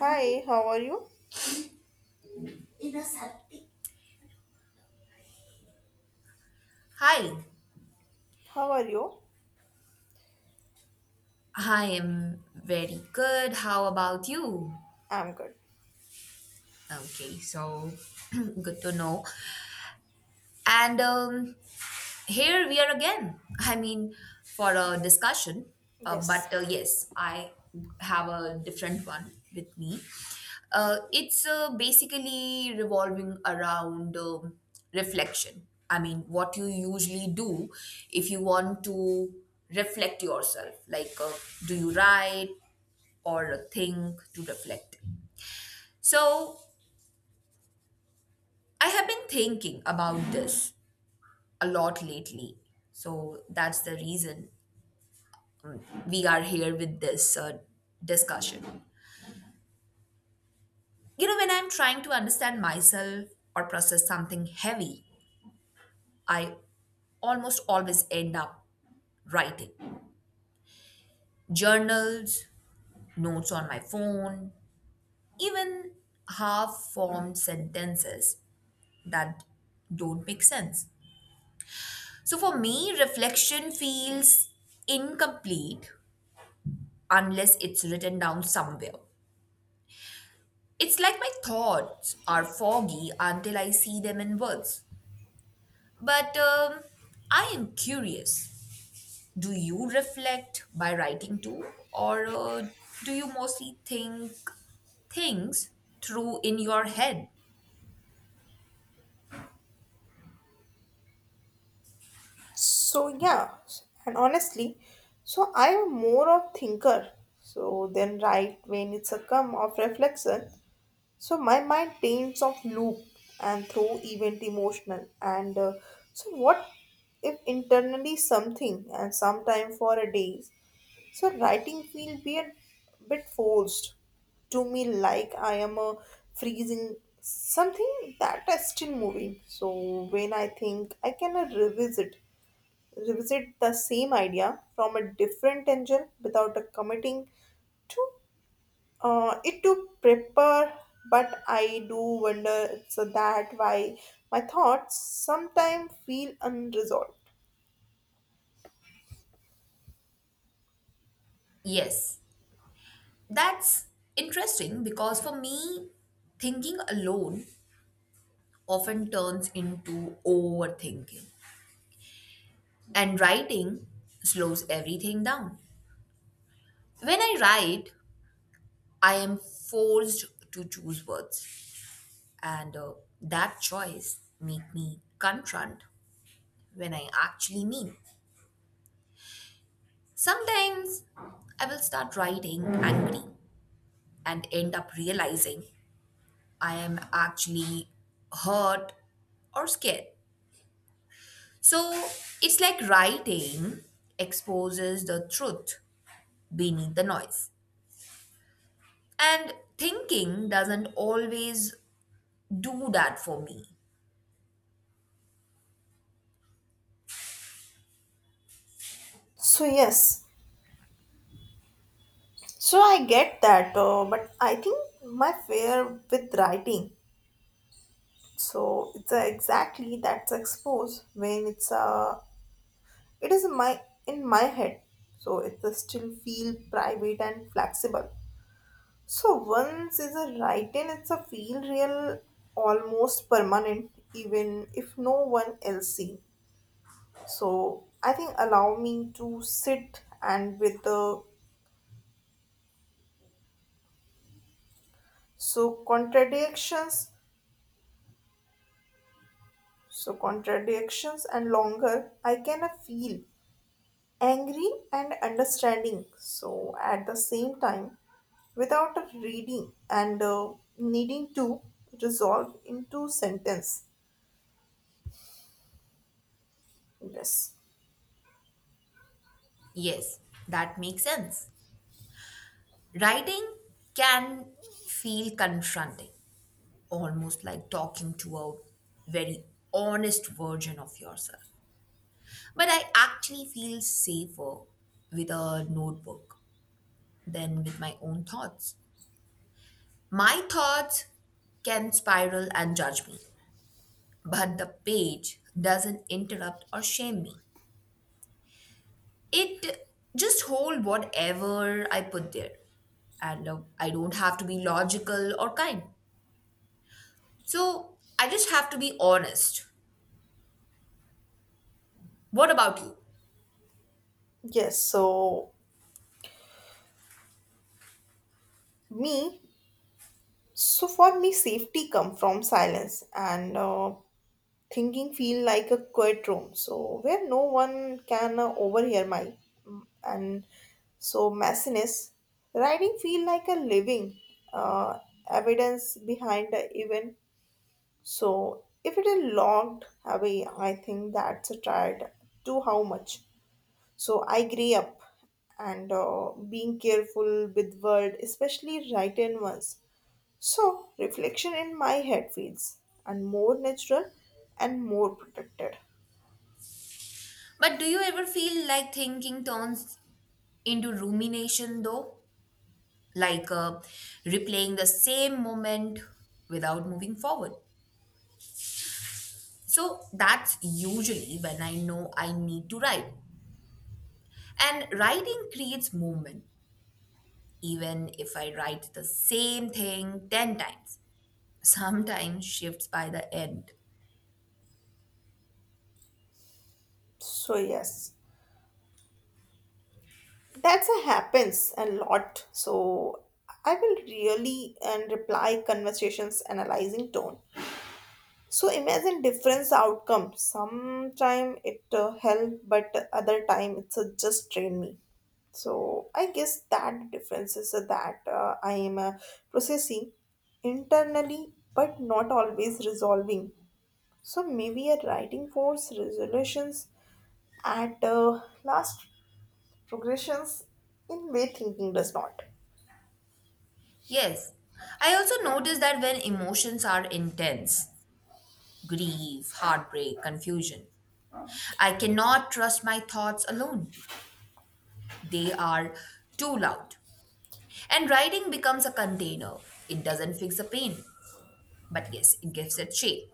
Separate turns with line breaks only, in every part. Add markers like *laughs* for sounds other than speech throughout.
Hi, how are you?
Hi,
How are you?
I am very good. How about you?
I'm good.
Okay, so *clears throat* good to know. And here we are again. I mean, for a discussion,
Yes.
but yes, I have a different one with me. It's basically revolving around reflection. I mean, what you usually do if you want to reflect yourself. Like, do you write? Or think to reflect. So, I have been thinking about this a lot lately. So, that's the reason we are here with this discussion. You know, when I'm trying to understand myself or process something heavy, I almost always end up writing journals, notes on my phone, even half formed sentences that don't make sense. So for me, reflection feels incomplete unless it's written down somewhere. It's like my thoughts are foggy until I see them in words. But I am curious, do you reflect by writing too? Or do you mostly think things through in your head?
So yeah, and honestly, so I am more of thinker. So then right when it's a come of reflection, so my mind paints of loop and through event emotional and so what if internally something and sometime for a days. So writing feel be a bit forced to me, like I am a freezing something that is still moving. So when I think I can revisit revisit the same idea from a different angle without a committing to it to prepare, but I do wonder so that why my thoughts sometimes feel unresolved.
Yes, that's interesting because for me, thinking alone often turns into overthinking, and writing slows everything down. When I write, I am forced to choose words, and that choice make me confront when I actually mean. Sometimes I will start writing angry and end up realizing I am actually hurt or scared. So it's like writing exposes the truth beneath the noise. And thinking doesn't always do that for me.
So yes, so I get that, but I think my fear with writing. So it's exactly that's exposed when it's it is my in my head. So it is still feel private and flexible. So once is a writing, it's a feel real, almost permanent, even if no one else see. So I think allow me to sit and with the so contradictions. So contradictions and longer, I can feel angry and understanding. So at the same time, without a reading and needing to resolve into sentence. Yes,
Yes, that makes sense. Writing can feel confronting, almost like talking to a very honest version of yourself. But I actually feel safer with a notebook than with my own thoughts. My thoughts can spiral and judge me, but the page doesn't interrupt or shame me. It just hold whatever I put there, and I don't have to be logical or kind, so I just have to be honest. What about you?
yes. So me. So for me, safety come from silence, and thinking feel like a quiet room so where no one can overhear my mm, and so messiness writing feel like a living uh, evidence behind the event. So if it is logged away, I think that's a tried to how much so I grew up and being careful with word, especially written ones. So reflection in my head feels and more natural and more protected.
But do you ever feel like thinking turns into rumination though, like replaying the same moment without moving forward? So that's usually when I know I need to write, and writing creates movement. Even if I write the same thing 10 times, sometimes shifts by the end.
So yes, that's a happens a lot. So I will really and reply conversations analyzing tone. So imagine different outcome. Sometime it help, but other time it's just train me. So I guess that difference is that I am processing internally, but not always resolving. So maybe a writing force resolutions at last progressions in way thinking does not.
Yes, I also notice that when emotions are intense, grief, heartbreak, confusion, I cannot trust my thoughts alone. They are too loud. And writing becomes a container. It doesn't fix the pain, but yes, it gives it shape.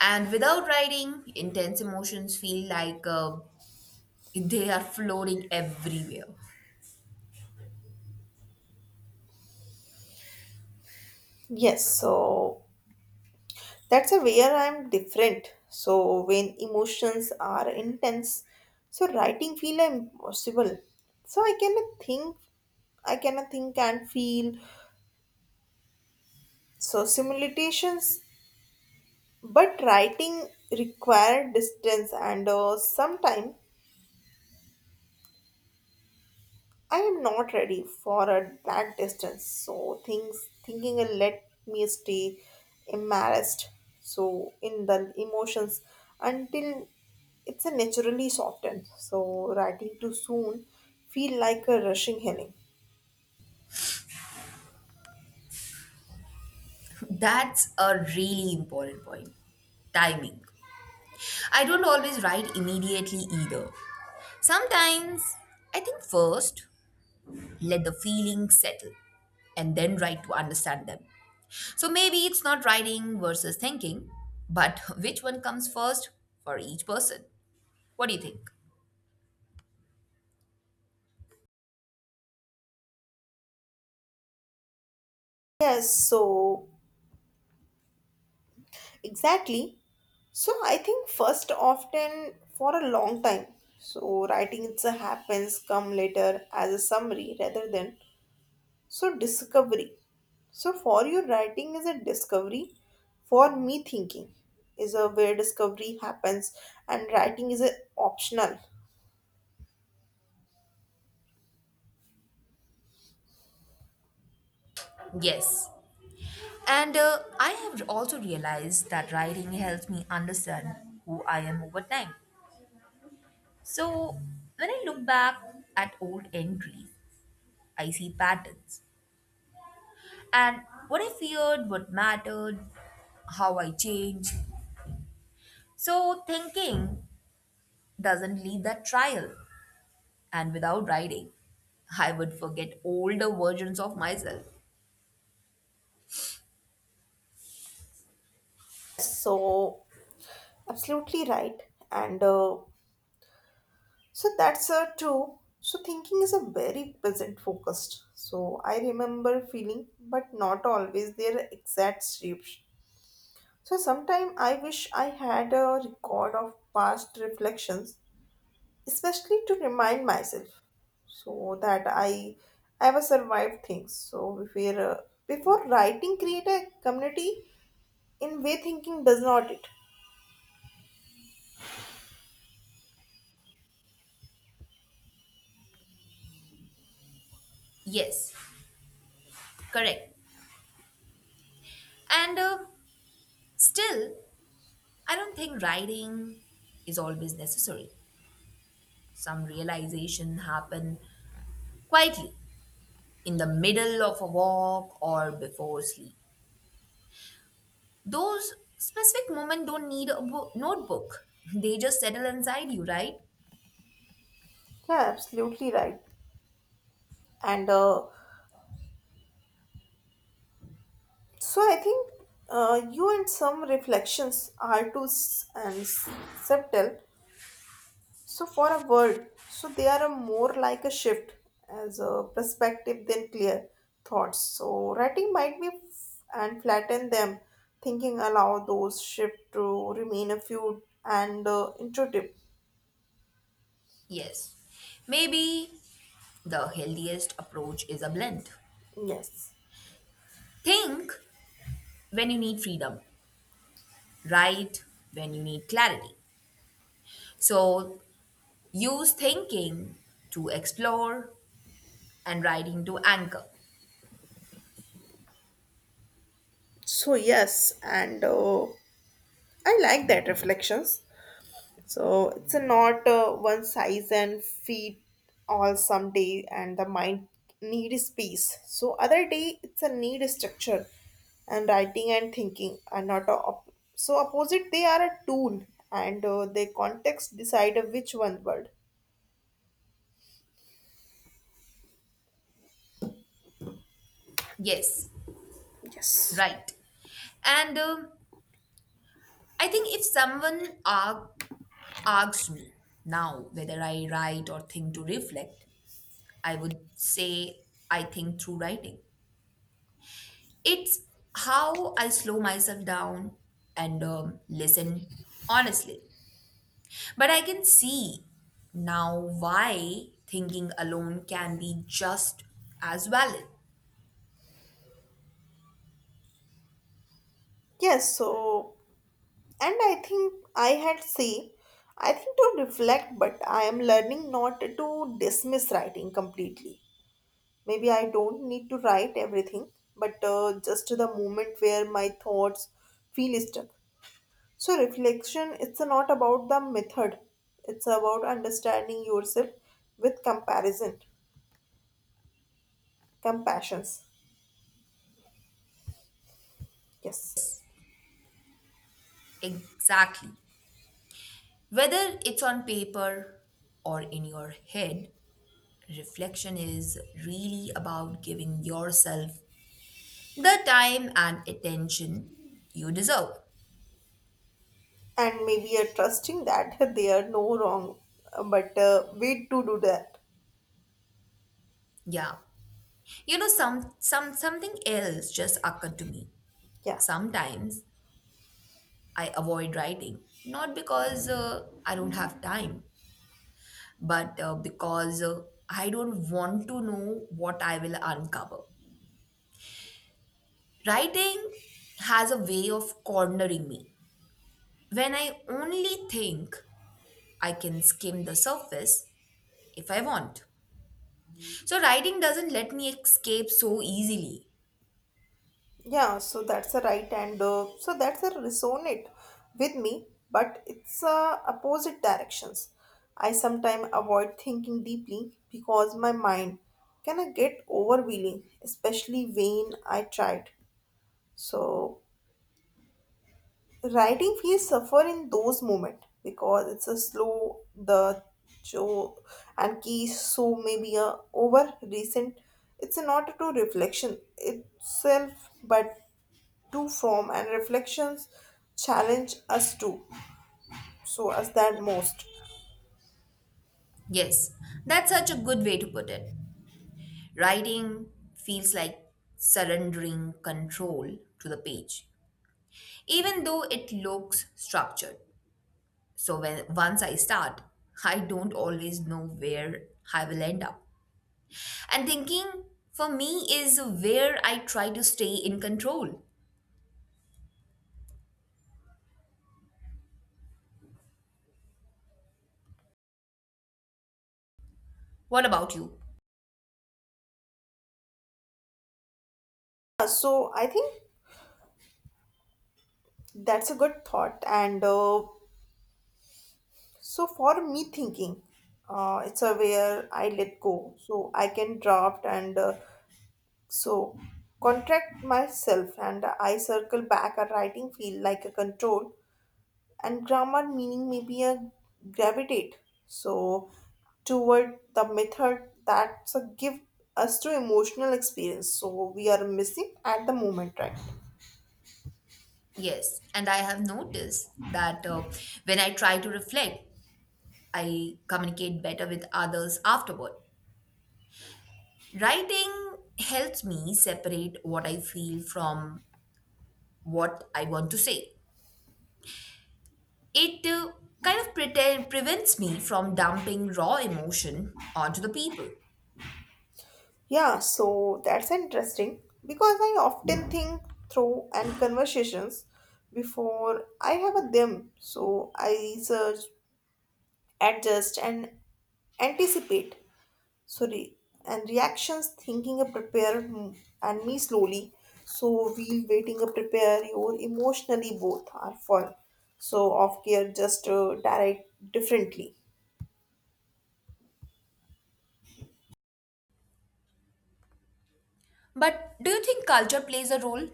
And without writing, intense emotions feel like they are floating everywhere.
Yes, so that's a where I'm different. So when emotions are intense, so writing feel impossible. So I cannot think and feel. So simulations, but writing require distance and sometime I am not ready for a, that distance. So things thinking will let me stay embarrassed. So in the emotions until it's a naturally softened. So writing too soon feel like a rushing healing.
*laughs* That's a really important point, timing. I don't always write immediately either. Sometimes I think first, let the feelings settle, and then write to understand them. So maybe it's not writing versus thinking, but *laughs* which one comes first for each person? What do you think?
Yes, so exactly. So I think first often for a long time. So writing it's a happens come later as a summary rather than so, discovery. So, for you, writing is a discovery. For me, thinking is a where discovery happens, and writing is a optional.
Yes. And I have also realized that writing helps me understand who I am over time. So when I look back at old entries, I see patterns and what I feared, what mattered, how I changed. So thinking doesn't leave that trial, and without writing, I would forget older versions of myself.
So, absolutely right. And so that's true. So, thinking is a very present focused. So, I remember feeling, but not always their exact shapes. So, sometime I wish I had a record of past reflections, especially to remind myself so that I ever survived things. So before, before writing, create a community in way thinking does not it.
Yes, correct. And still, I don't think writing is always necessary. Some realization happen quietly in the middle of a walk or before sleep. Those specific moments don't need a notebook. *laughs* They just settle inside you, right?
Yeah, absolutely right. And so I think you and some reflections are too subtle So, for a word, so they are a more like a shift as a perspective than clear thoughts. So, writing might be f- and flatten them, thinking allow those shift to remain a few and intuitive.
Yes. Maybe the healthiest approach is a blend.
Yes.
Think when you need freedom, write when you need clarity. So use thinking to explore and writing to anchor.
So, yes, and I like that reflections. So it's a not one size and fit all. Some day and the mind need space. So other day it's a need structure, and writing and thinking are not a opposite. They are a tool, and their context decide which one word.
Yes,
Yes.
right. And I think if someone asks me now whether I write or think to reflect, I would say, I think through writing. It's how I slow myself down and listen honestly. But I can see now why thinking alone can be just as valid.
Yes, so and I think I had say I think to reflect, but I am learning not to dismiss writing completely. Maybe I don't need to write everything, but just the moment where my thoughts feel stuck. So reflection, it's not about the method. It's about understanding yourself with comparison, compassions. Yes.
Exactly. Whether it's on paper or in your head, reflection is really about giving yourself the time and attention you deserve.
And maybe trusting that *laughs* they are no wrong, but wait to do that.
Yeah. You know, something else just occurred to me.
Yeah.
Sometimes I avoid writing, not because I don't have time, but because I don't want to know what I will uncover. Writing has a way of cornering me. When I only think I can skim the surface if I want. So writing doesn't let me escape so easily.
Yeah, so that's a right, and so that's a resonate with me, but it's opposite directions. I sometimes avoid thinking deeply because my mind can I get overwhelming, especially when I tried. So writing feels suffer in those moments because it's a slow the show and key. So maybe a over recent, it's not to reflection itself but to from and reflections challenge us to so us that most.
Yes, that's such a good way to put it. Writing feels like surrendering control to the page, even though it looks structured. So when once I start, I don't always know where I will end up. And thinking for me is where I try to stay in control. What about you?
So I think that's a good thought, and so for me thinking it's a where I let go so I can draft and so contract myself and I circle back. A writing feel like a control and grammar meaning may be a gravitate so toward the method that's a give us to emotional experience so we are missing at the moment, right?
Yes, and I have noticed that when I try to reflect, I communicate better with others afterward. Writing helps me separate what I feel from what I want to say. It prevents me from dumping raw emotion onto the people.
Yeah, so that's interesting because I often think through and conversations before I have a them. So I search, adjust and anticipate so re- and reactions. Thinking a prepare, mm, and me slowly. So we'll waiting a prepare your emotionally, both are fun, so off gear just direct differently.
But do you think culture plays a role?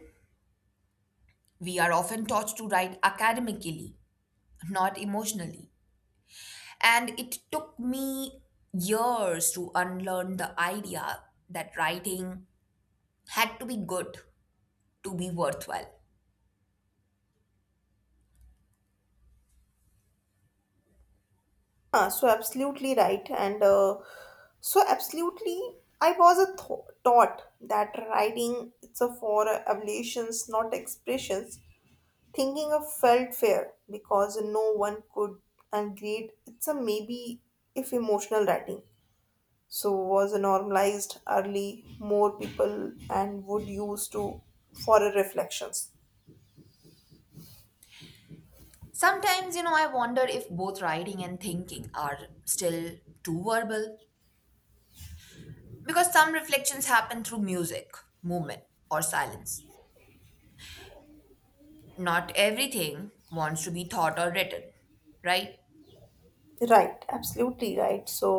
We are often taught to write academically, not emotionally. And it took me years to unlearn the idea that writing had to be good to be worthwhile.
Ah, so absolutely right, and so absolutely I was a taught that writing it's a for ablations, not expressions. Thinking of felt fair because no one could and great. It's a maybe if emotional writing so was normalized early, more people and would use to for a reflections.
Sometimes, you know, I wonder if both writing and thinking are still too verbal, because some reflections happen through music, movement, or silence. Not everything wants to be thought or written, right?
Right, absolutely right. So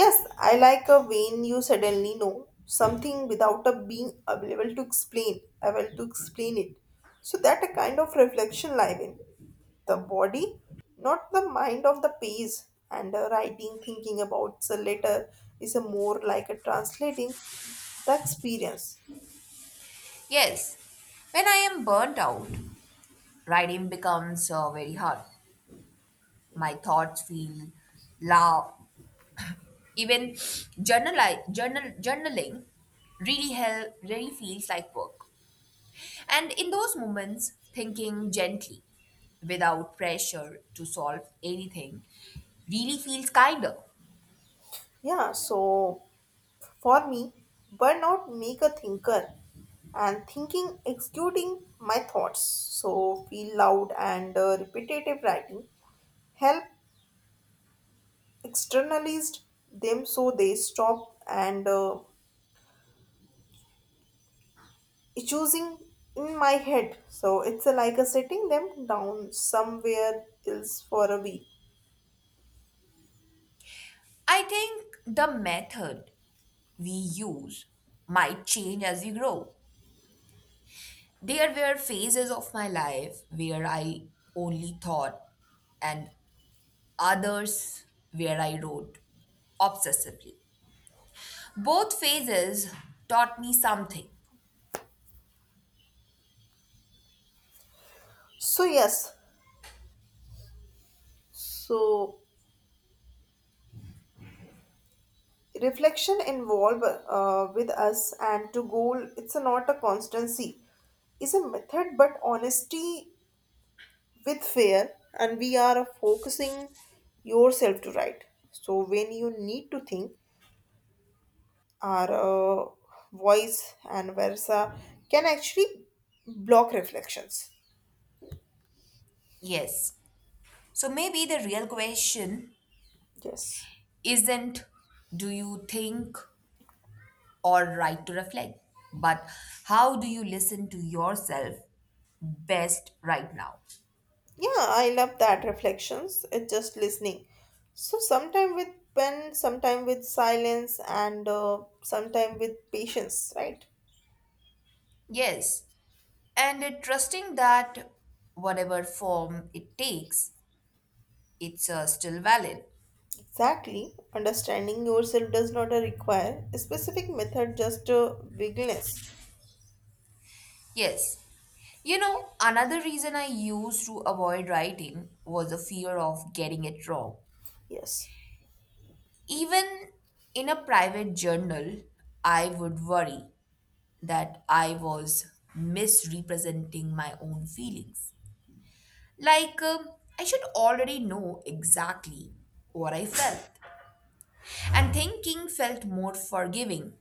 yes, I like a when you suddenly know something without a being available to explain able to explain it, so that a kind of reflection live in the body, not the mind of the page. And writing thinking about the letter is a more like a translating the experience.
Yes, when I am burnt out, writing becomes very hard. My thoughts feel loud. Even journaling really feels like work. And in those moments, thinking gently without pressure to solve anything really feels kinder.
Yeah, so for me, burnout make a thinker and thinking executing my thoughts. So feel loud and repetitive. Writing help externalized them so they stop and choosing in my head. So it's like a setting them down somewhere else for a week.
I think the method we use might change as we grow. There were phases of my life where I only thought, and others where I wrote obsessively. Both phases taught me something.
So yes, so reflection involved with us, and to goal it's a not a constancy is a method but honesty with fear, and we are focusing yourself to write. So when you need to think, our voice and versa can actually block reflections.
Yes. So maybe the real question
Yes.
isn't do you think or right to reflect, but how do you listen to yourself best right now?
Yeah, I love that reflections. It's just listening. So sometime with pen, sometime with silence, and sometime with patience, right?
Yes, and trusting that whatever form it takes, it's still valid.
Exactly. Understanding yourself does not require a specific method, just wiggleness.
Yes. You know, another reason I used to avoid writing was the fear of getting it wrong.
Yes.
Even in a private journal, I would worry that I was misrepresenting my own feelings. Like, I should already know exactly what I felt. And thinking felt more forgiving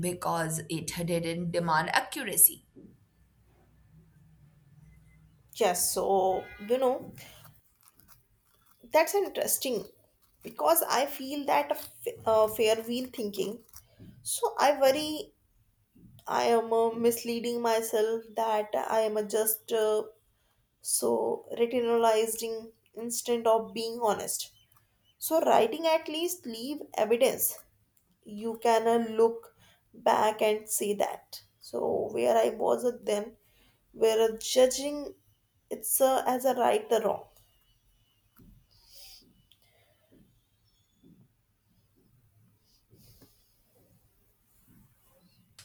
because it didn't demand accuracy.
Yes. So you know, that's interesting because I feel that a fair wheel thinking. So I worry I am misleading myself, that I am just so retinalizing instead of being honest. So writing at least leave evidence you can look back and see that so where I was at then, where judging it's as a right or wrong.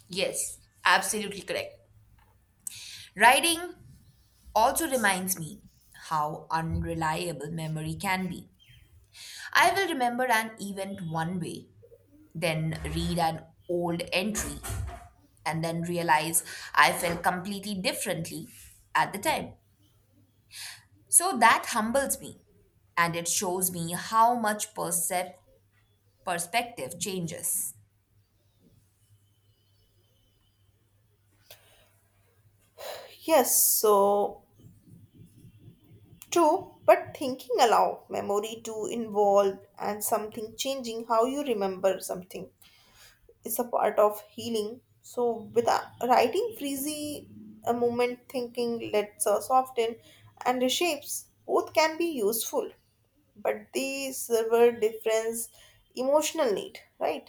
Yes, absolutely correct. Writing also reminds me how unreliable memory can be. I will remember an event one way, then read an old entry, and then realize I felt completely differently at the time. So that humbles me, and it shows me how much perspective changes.
Yes, so true, but thinking allow memory to involve, and something changing how you remember something is a part of healing. So, with writing freezy, a moment thinking lets us soften and reshapes. Both can be useful, but they serve a difference emotional need, right?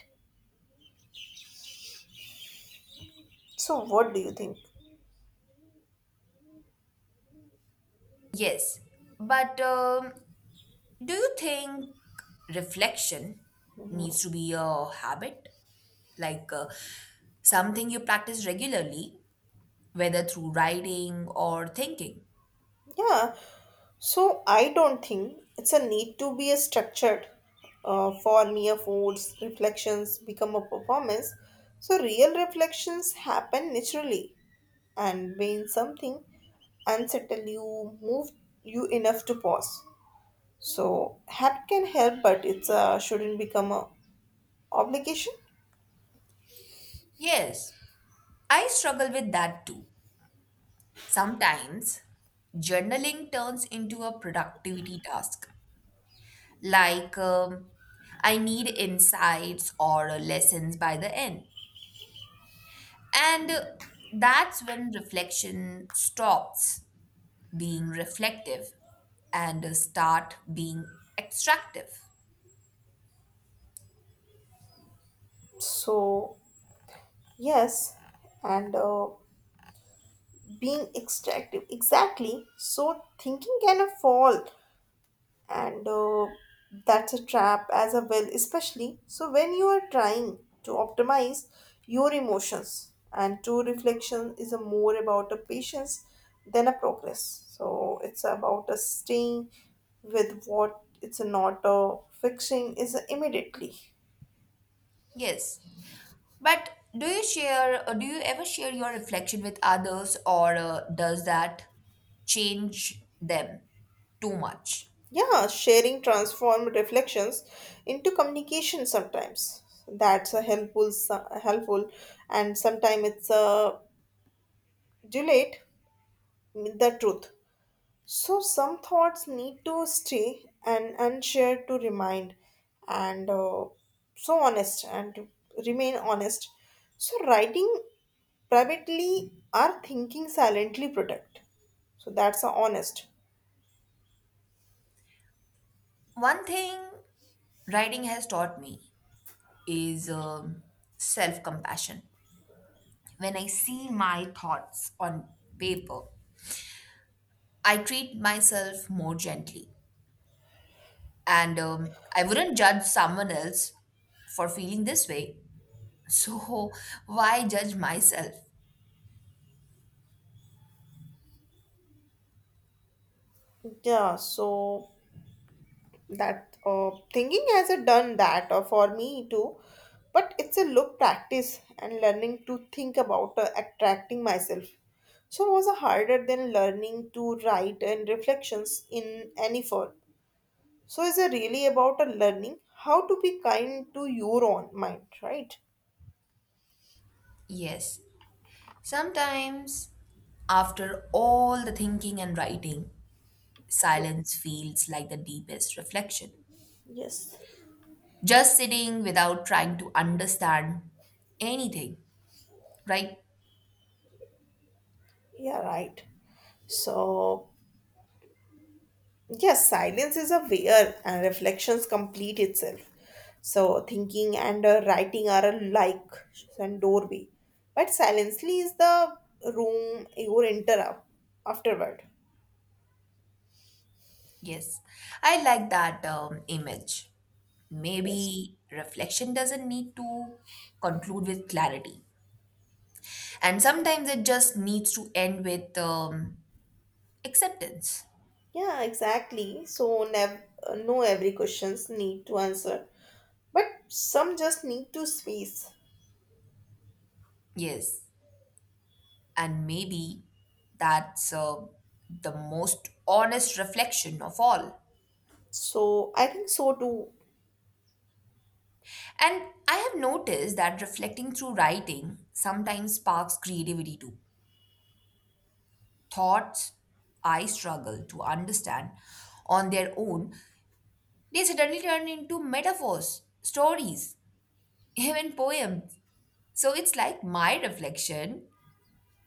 So, what do you think?
Yes, but do you think reflection needs to be a habit, like something you practice regularly, whether through writing or thinking?
Yeah, so I don't think it's a need to be a structured for mere foods, reflections become a performance. So real reflections happen naturally and when something unsettle you, move you enough to pause. So help can help, but it's shouldn't become a obligation.
Yes, I struggle with that too. Sometimes journaling turns into a productivity task, like I need insights or lessons by the end. And that's when reflection stops being reflective and start being extractive.
So yes, and being extractive exactly. So thinking can fall and that's a trap as a well, especially so when you are trying to optimize your emotions, and true reflection is a more about a patience than a progress. So it's about a staying with what it's not a fixing is immediately.
Yes. But do you ever share your reflection with others, or does that change them too much?
Yeah, sharing transform reflections into communication. Sometimes that's a helpful, helpful, and sometimes it's a dilate the truth. So, some thoughts need to stay and unshared to remind, and so honest and to remain honest. So, writing privately or thinking silently protect. So, that's a honest.
One thing writing has taught me is self compassion. When I see my thoughts on paper, I treat myself more gently. And I wouldn't judge someone else for feeling this way, so why judge myself?
Yeah, so that thinking has a done that for me too, but it's a look practice, and learning to think about attracting myself so was a harder than learning to write and reflections in any form. So is it really about a learning how to be kind to your own mind, right?
Yes, sometimes after all the thinking and writing,
Yes.
silence feels like the deepest reflection.
Yes.
Just sitting without trying to understand anything, right?
Yeah, right. So yes, silence is a where reflections complete itself. So thinking and writing are alike and doorway, but silently is the room you enter up afterward.
Yes, I like that image.
Yes.
Maybe reflection doesn't need to conclude with clarity, and sometimes it just needs to end with acceptance.
Yeah, exactly. So no every questions need to answer, but some just need to space.
Yes. And maybe that's the most honest reflection of all.
So I think so too.
And I have noticed that reflecting through writing sometimes sparks creativity too. Thoughts I struggle to understand on their own, they suddenly turn into metaphors, stories, *laughs* even poems. So it's like my reflection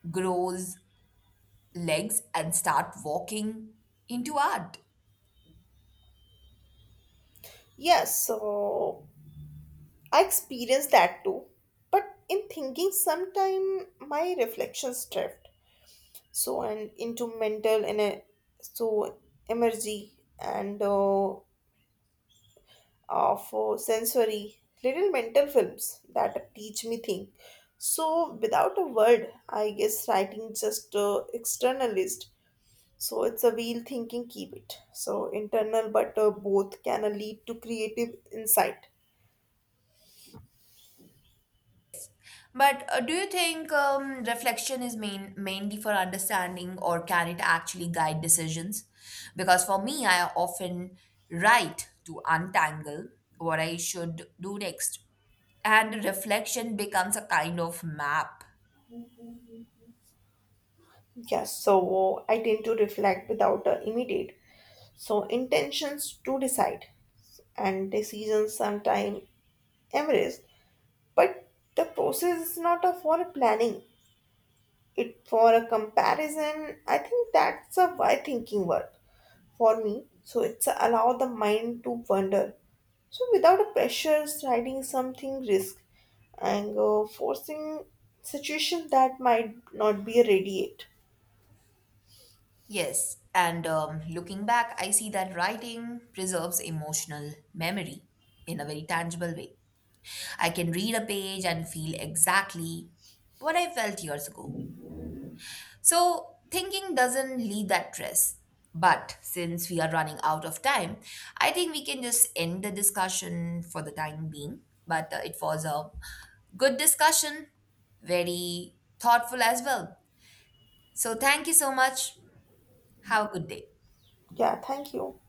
grows legs and start walking into art.
Yes. So I experienced that too. But in thinking, sometime my reflections drift, so and into mental and so emergy and of sensory little mental films that teach me think so without a word. I guess writing just externalist, so it's a wheel thinking keep it so internal, but both can lead to creative insight.
But do you think reflection is main, mainly for understanding, or can it actually guide decisions? Because for me, I often write to untangle what I should do next, and reflection becomes a kind of map.
Yes, so I tend to reflect without immediate so intentions to decide, and decisions sometime embrace, but the process is not a for planning, it for a comparison. I think that's a why thinking work for me, so it's allow the mind to wander so without a pressure. Writing something risk and forcing situation that might not be radiate.
Yes, and looking back, I see that writing preserves emotional memory in a very tangible way. I can read a page and feel exactly what I felt years ago. So, thinking doesn't leave that stress. But since we are running out of time, I think we can just end the discussion for the time being. But it was a good discussion, very thoughtful as well. So, thank you so much. Have a good day.
Yeah, thank you.